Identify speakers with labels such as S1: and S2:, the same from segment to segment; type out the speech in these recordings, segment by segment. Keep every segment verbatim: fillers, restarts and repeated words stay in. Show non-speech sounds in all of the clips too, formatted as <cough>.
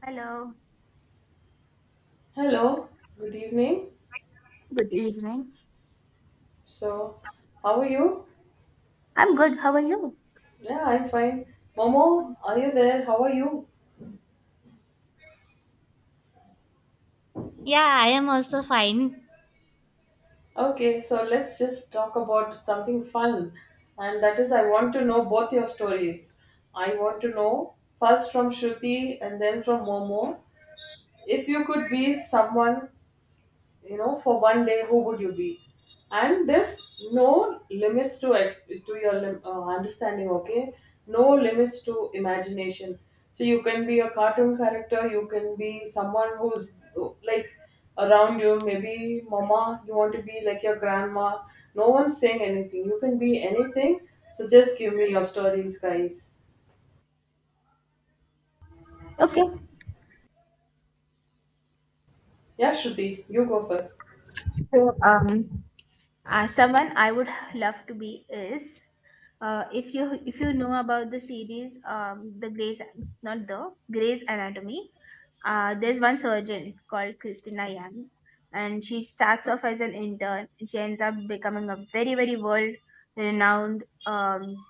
S1: Hello,
S2: Hello, good evening.
S1: good evening.
S2: So, how are you?
S1: I'm good. How are you?
S2: Yeah, I'm fine. Momo, are you there? How are you?
S3: Yeah, I am also fine.
S2: Okay, so let's just talk about something fun. And that is, I want to know both your stories. I want to know first from Shruti and then from Momo. If you could be someone, you know for one day, who would you be? And this no limits to ex- to your lim- uh, understanding. Okay, no limits to imagination. So you can be a cartoon character, you can be someone who's uh, like around you. Maybe mama, you want to be like your grandma. No one's saying anything, you can be anything. So just give me your stories, guys.
S1: Okay.
S2: Yeah, Shruti, you go first.
S1: So, um, uh, someone I would love to be is, uh, if you if you know about the series, um, the Grey's not the Grey's Anatomy. Uh, there's one surgeon called Christina Yang, and she starts off as an intern, and She ends up becoming a very very world renowned um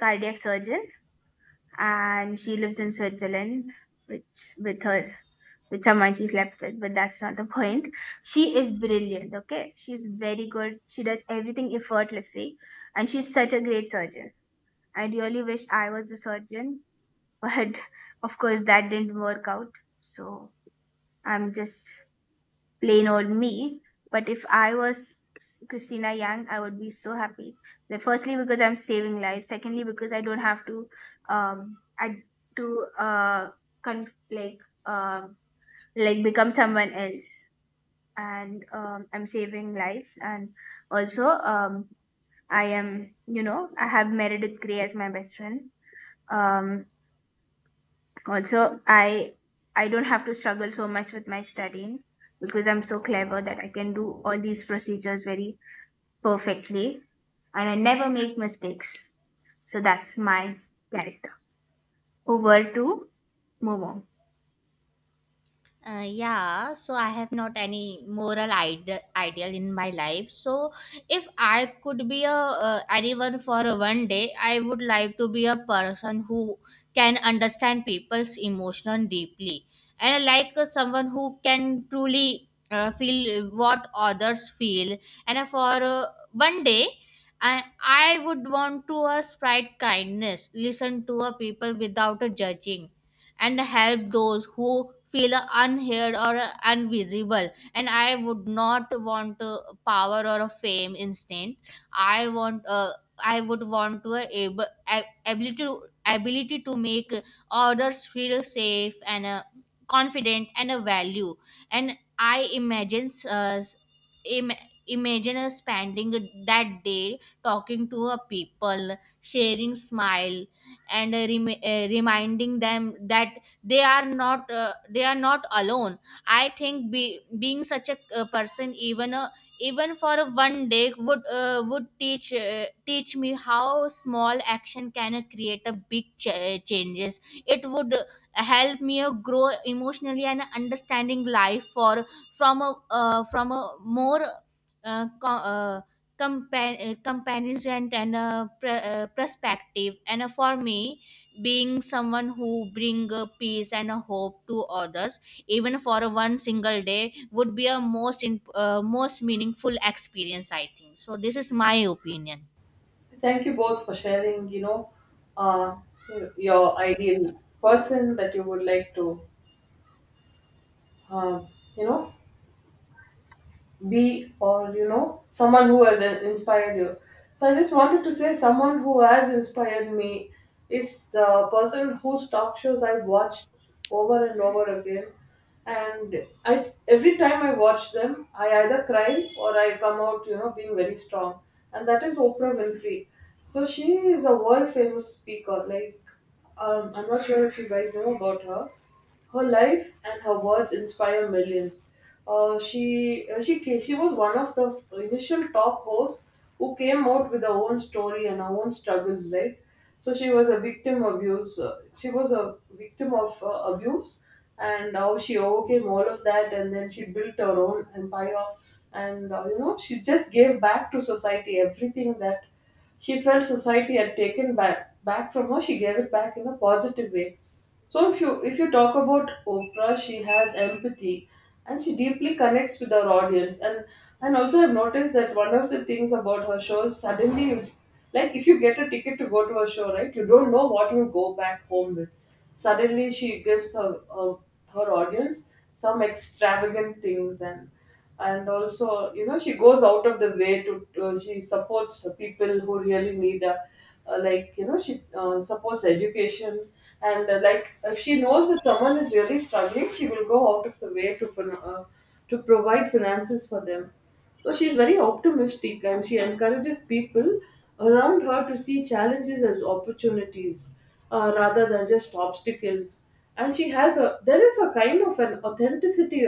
S1: cardiac surgeon, and she lives in Switzerland, which with her with someone she slept with, but that's not the point. She is brilliant, okay? She's very good. She does everything effortlessly, and she's such a great surgeon. I really wish I was a surgeon, but <laughs> of course, that didn't work out. So I'm just plain old me. But if I was Christina Yang, I would be so happy. That firstly, because I'm saving lives. Secondly, because I don't have to, um, I to uh, con- like um, like become someone else, and um, I'm saving lives. And also, um, I am, you know, I have Meredith Grey as my best friend. Um, Also, I I don't have to struggle so much with my studying because I'm so clever that I can do all these procedures very perfectly, and I never make mistakes. So that's my character. Over to Momo.
S3: Uh, yeah, so I have not any moral ide- ideal in my life. So if I could be a uh, anyone for one day, I would like to be a person who can understand people's emotion deeply and like uh, someone who can truly uh, feel what others feel. And uh, for uh, one day, I, I would want to uh, spread kindness, listen to uh, people without uh, judging and help those who feel unheard or invisible, and I would not want uh, power or fame instant. I want uh, I would want to able ab- ability to ability to make others feel safe and uh, confident and a value. And I imagine uh, Im- imagine us spending that day talking to a people, sharing smile, and uh, rem- uh, reminding them that they are not uh, they are not alone. I think be- being such a uh, person, even a even for a one day, would uh, would teach uh, teach me how small action can uh, create a big ch- changes. It would uh, help me uh, grow emotionally and understanding life for from a uh, from a more uh, co- uh, Compan uh, comparison and a pr- uh, perspective, and uh, for me being someone who bring uh, peace and uh, hope to others even for one single day would be a most in, uh, most meaningful experience, I think. So this is my opinion.
S2: Thank you both for sharing, you know, uh, you know, your ideal person that you would like to, uh, you know, be, or you know someone who has in- inspired you. So I just wanted to say, someone who has inspired me is the person whose talk shows I've watched over and over again. And I, every time I watch them, I either cry or I come out, you know being very strong. And that is Oprah Winfrey. So she is a world famous speaker. Like um, I'm not sure if you guys know about her. Her life and her words inspire millions. Uh, she uh, she ca- she was one of the initial top hosts who came out with her own story and her own struggles, right? So she was a victim abuse. Uh, she was a victim of uh, abuse, and how she overcame all of that, and then she built her own empire. And uh, you know she just gave back to society everything that she felt society had taken back back from her. She gave it back in a positive way. So if you if you talk about Oprah, she has empathy and she deeply connects with her audience. And and also I've noticed that one of the things about her show is, suddenly you, like, if you get a ticket to go to a show, right, you don't know what you'll go back home with. Suddenly she gives her her, her audience some extravagant things. and and also, you know she goes out of the way to to- she supports people who really need uh, uh, like, you know she uh, supports education. And uh, like, if she knows that someone is really struggling, she will go out of the way to fin- uh, to provide finances for them. So she's very optimistic and she encourages people around her to see challenges as opportunities, uh, rather than just obstacles. And she has a, there is a kind of an authenticity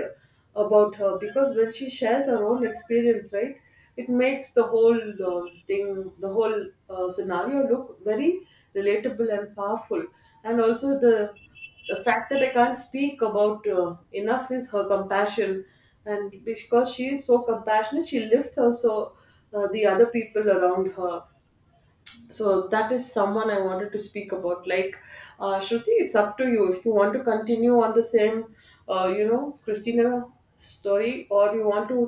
S2: about her, because when she shares her own experience, right, it makes the whole uh, thing, the whole uh, scenario look very relatable and powerful. And also the the fact that I can't speak about uh, enough is her compassion. And because she is so compassionate, she lifts also uh, the other people around her. So that is someone I wanted to speak about. Like uh, Shruti, it's up to you if you want to continue on the same uh, you know Christina story, or you want to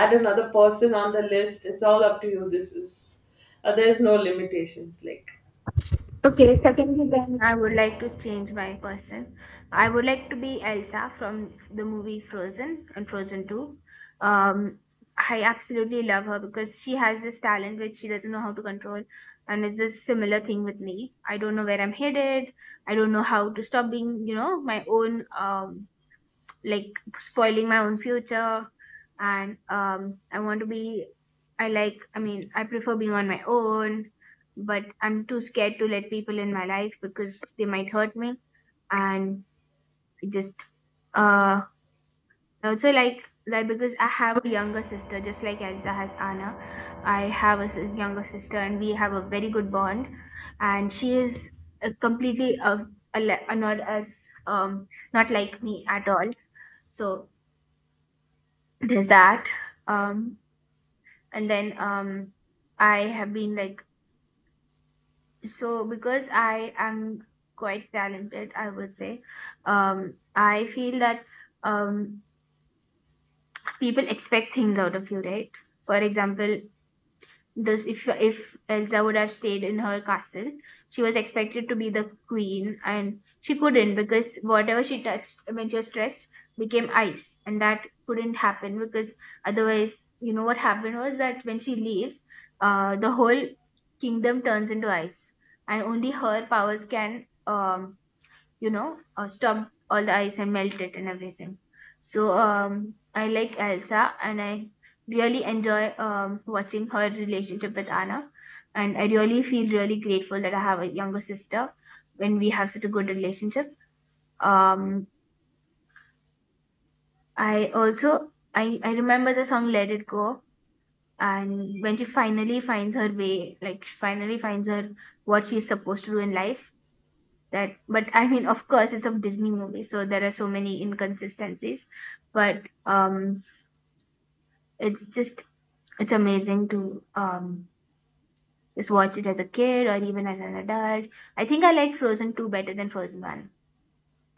S2: add another person on the list. It's all up to you. This is uh, there's no limitations, like
S1: Time, I would like to change my person. I would like to be Elsa from the movie Frozen and Frozen two. Um, I absolutely love her because she has this talent which she doesn't know how to control, and it's this similar thing with me. I don't know where I'm headed. I don't know how to stop being, you know, my own, um, like spoiling my own future. And um I want to be I like I mean, I prefer being on my own, but I'm too scared to let people in my life because they might hurt me. And it just, uh also, like that, because I have a younger sister just like Elsa has Anna. I have a s- younger sister, and we have a very good bond. And she is, uh, completely, uh, a, le- uh, not as, um not like me at all. So there's that. um and then, um I have been like so because I am quite talented, I would say. um I feel that, um people expect things out of you, right? For example, This if if Elsa would have stayed in her castle, she was expected to be the queen, and she couldn't because whatever she touched when she was stressed became ice, and that couldn't happen, because otherwise, you know what happened was that when she leaves, uh, the whole kingdom turns into ice, and only her powers can um you know, uh, stop all the ice and melt it and everything. So, um, I like Elsa, and I really enjoy, um, watching her relationship with Anna. And I really feel really grateful that I have a younger sister when we have such a good relationship. Um, I also, I, I remember the song Let It Go, and when she finally finds her way, like finally finds her what she's supposed to do in life. That But I mean, of course, it's a Disney movie, so there are so many inconsistencies, but um it's just it's amazing to um just watch it as a kid or even as an adult. I think I like Frozen two better than Frozen one.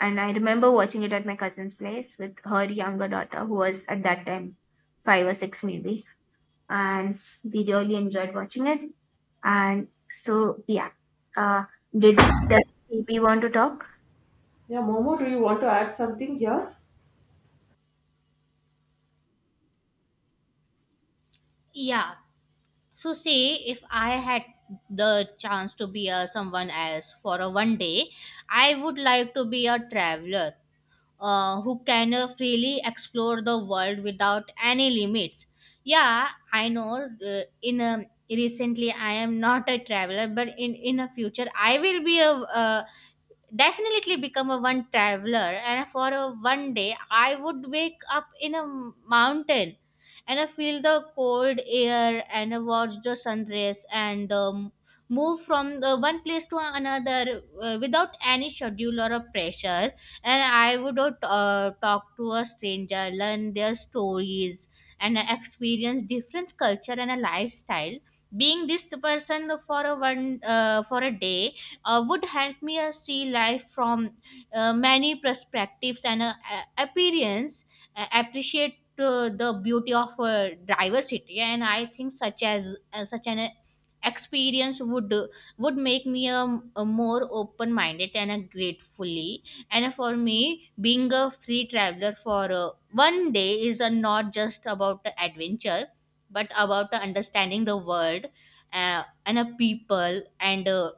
S1: And I remember watching it at my cousin's place with her younger daughter, who was at that time five or six maybe. And we really enjoyed watching it. And so yeah, uh did does baby want to talk?
S2: Yeah, Momo, do you want to add something here?
S3: Yeah, so see if I had the chance to be a someone else for a one day, I would like to be a traveler uh, who can uh, freely explore the world without any limits. Yeah, I know. Uh, in a recently, I am not a traveler, but in in a future, I will be a, a definitely become a one traveler, and for a one day I would wake up in a mountain, and I feel the cold air and I watch the sunrise, and um, move from the one place to another uh, without any schedule or a pressure. And I would uh, talk to a stranger, learn their stories, and experience different culture and a lifestyle. Being this person for a one uh, for a day uh, would help me uh, see life from uh, many perspectives and uh, a- appearance, uh, appreciate uh, the beauty of uh, diversity. And I think such as uh, such an uh, experience would uh, would make me a, a more open minded and a gratefully. And for me, being a free traveler for uh, one day is uh, not just about the adventure, but about the understanding the world uh, and a people and uh,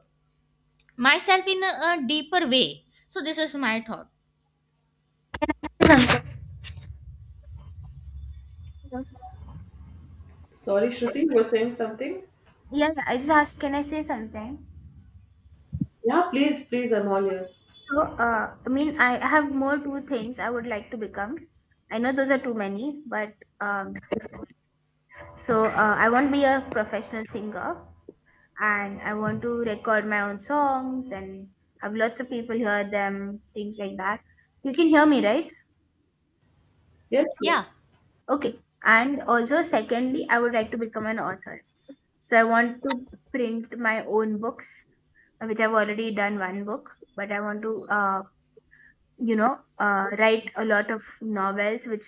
S3: myself in a, a deeper way. So this is my thought.
S2: Sorry, Shruti, you were saying something?
S1: Yeah, yeah, I just asked, can I say something?
S2: Yeah, please, please, I'm all ears.
S1: So, uh, I mean, I have more two things I would like to become. I know those are too many, but um, so uh, I want to be a professional singer, and I want to record my own songs and have lots of people hear them, things like that. You can hear me, right?
S2: Yes,
S3: Yeah.
S2: yes.
S1: Okay. And also, secondly, I would like to become an author. So I want to print my own books, uh, which I've already done one book, but I want to, uh, you know uh, write a lot of novels which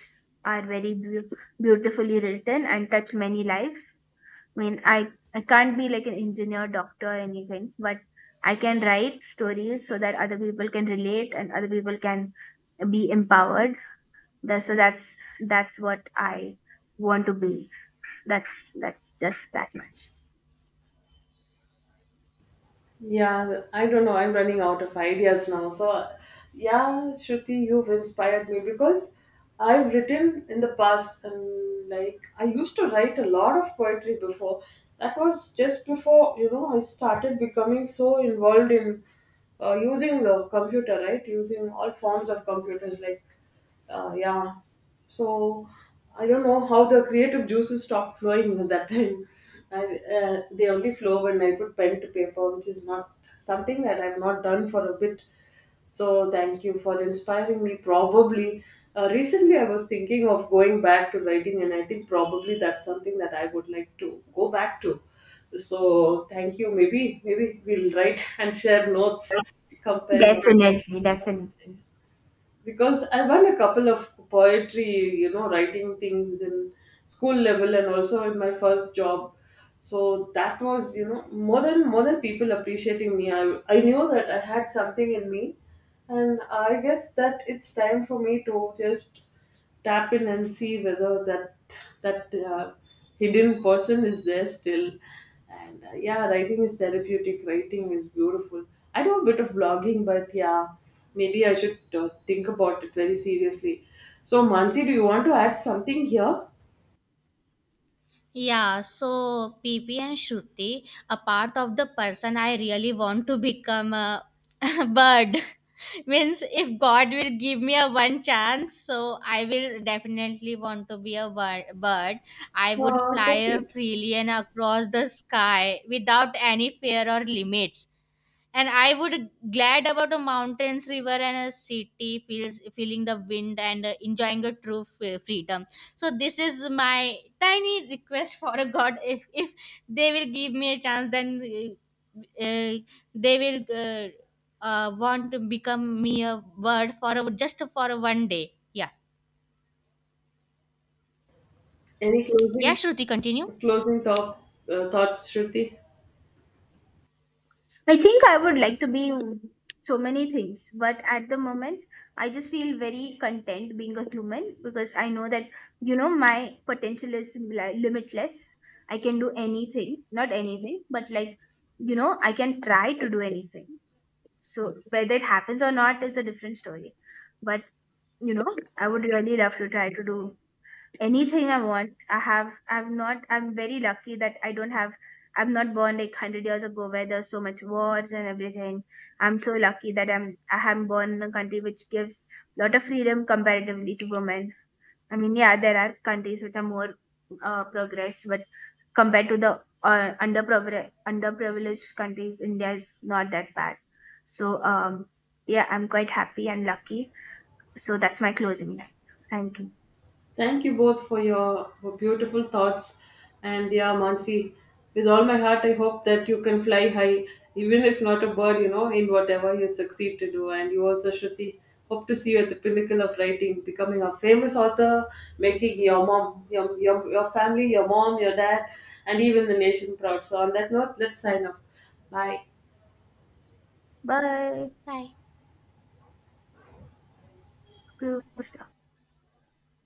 S1: are very beau beautifully written and touch many lives. I mean, i i can't be like an engineer, doctor, or anything, but I can write stories so that other people can relate and other people can be empowered. That- so that's that's what I want to be. That's that's just that much.
S2: Yeah, I don't know. I'm running out of ideas now. So yeah, Shruti, you've inspired me, because I've written in the past, and like, I used to write a lot of poetry before. That was just before, you know, I started becoming so involved in uh, using the computer, right? Using all forms of computers, like uh, yeah. So I don't know how the creative juices stopped flowing <laughs> at that time. I, uh, they only flow when I put pen to paper, which is not something that I've not done for a bit. So thank you for inspiring me. Probably uh, recently I was thinking of going back to writing, and I think probably that's something that I would like to go back to. So thank you. Maybe maybe we'll write <laughs> and share notes, compare notes.
S1: Definitely, definitely.
S2: Because I won a couple of poetry, you know, writing things in school level, and also in my first job. So that was, you know, more than more than people appreciating me. I I knew that I had something in me, and I guess that it's time for me to just tap in and see whether that, that uh, hidden person is there still. And uh, yeah, writing is therapeutic, writing is beautiful. I do a bit of blogging, but yeah, maybe I should uh, think about it very seriously. So Mansi, do you want to add something here?
S3: Yeah, so P P and Shruti, a part of the person I really want to become a <laughs> bird. <laughs> Means if God will give me a one chance, so I will definitely want to be a bir- bird. I would
S2: Uh, so
S3: fly
S2: cute.
S3: freely and across the sky without any fear or limits. And I would glad about a mountains river and a city feels, feeling the wind and uh, enjoying a true f- freedom. So this is my tiny request for a god. If, if they will give me a chance, then uh, uh, they will uh, uh, want to become me a bird for a, just for a one day. Yeah.
S2: Any
S3: Yeah,
S2: closing
S3: Shruti, continue.
S2: closing thought, uh, thoughts, Shruti?
S1: I think I would like to be so many things, but at the moment, I just feel very content being a human because I know that, you know, my potential is li- limitless. I can do anything, not anything, but like, you know, I can try to do anything. So whether it happens or not is a different story. But, you know, I would really love to try to do anything I want. I have I've not I'm very lucky that I don't have I'm not born like hundred years ago, where there's so much wars and everything. I'm so lucky that I'm I am born in a country which gives a lot of freedom comparatively to women. I mean, yeah, there are countries which are more uh, progressed, but compared to the uh, underprivileged underprivileged countries, India is not that bad. So um, yeah, I'm quite happy and lucky. So that's my closing line. Thank you.
S2: Thank you both for your beautiful thoughts. And yeah, Mansi, with all my heart, I hope that you can fly high, even if not a bird, you know, in whatever you succeed to do. And you also, Shruti, hope to see you at the pinnacle of writing, becoming a famous author, making your mom, your, your, your family, your mom, your dad, and even the nation proud. So on that note, let's sign off. Bye.
S1: Bye.
S3: Bye.
S1: Close.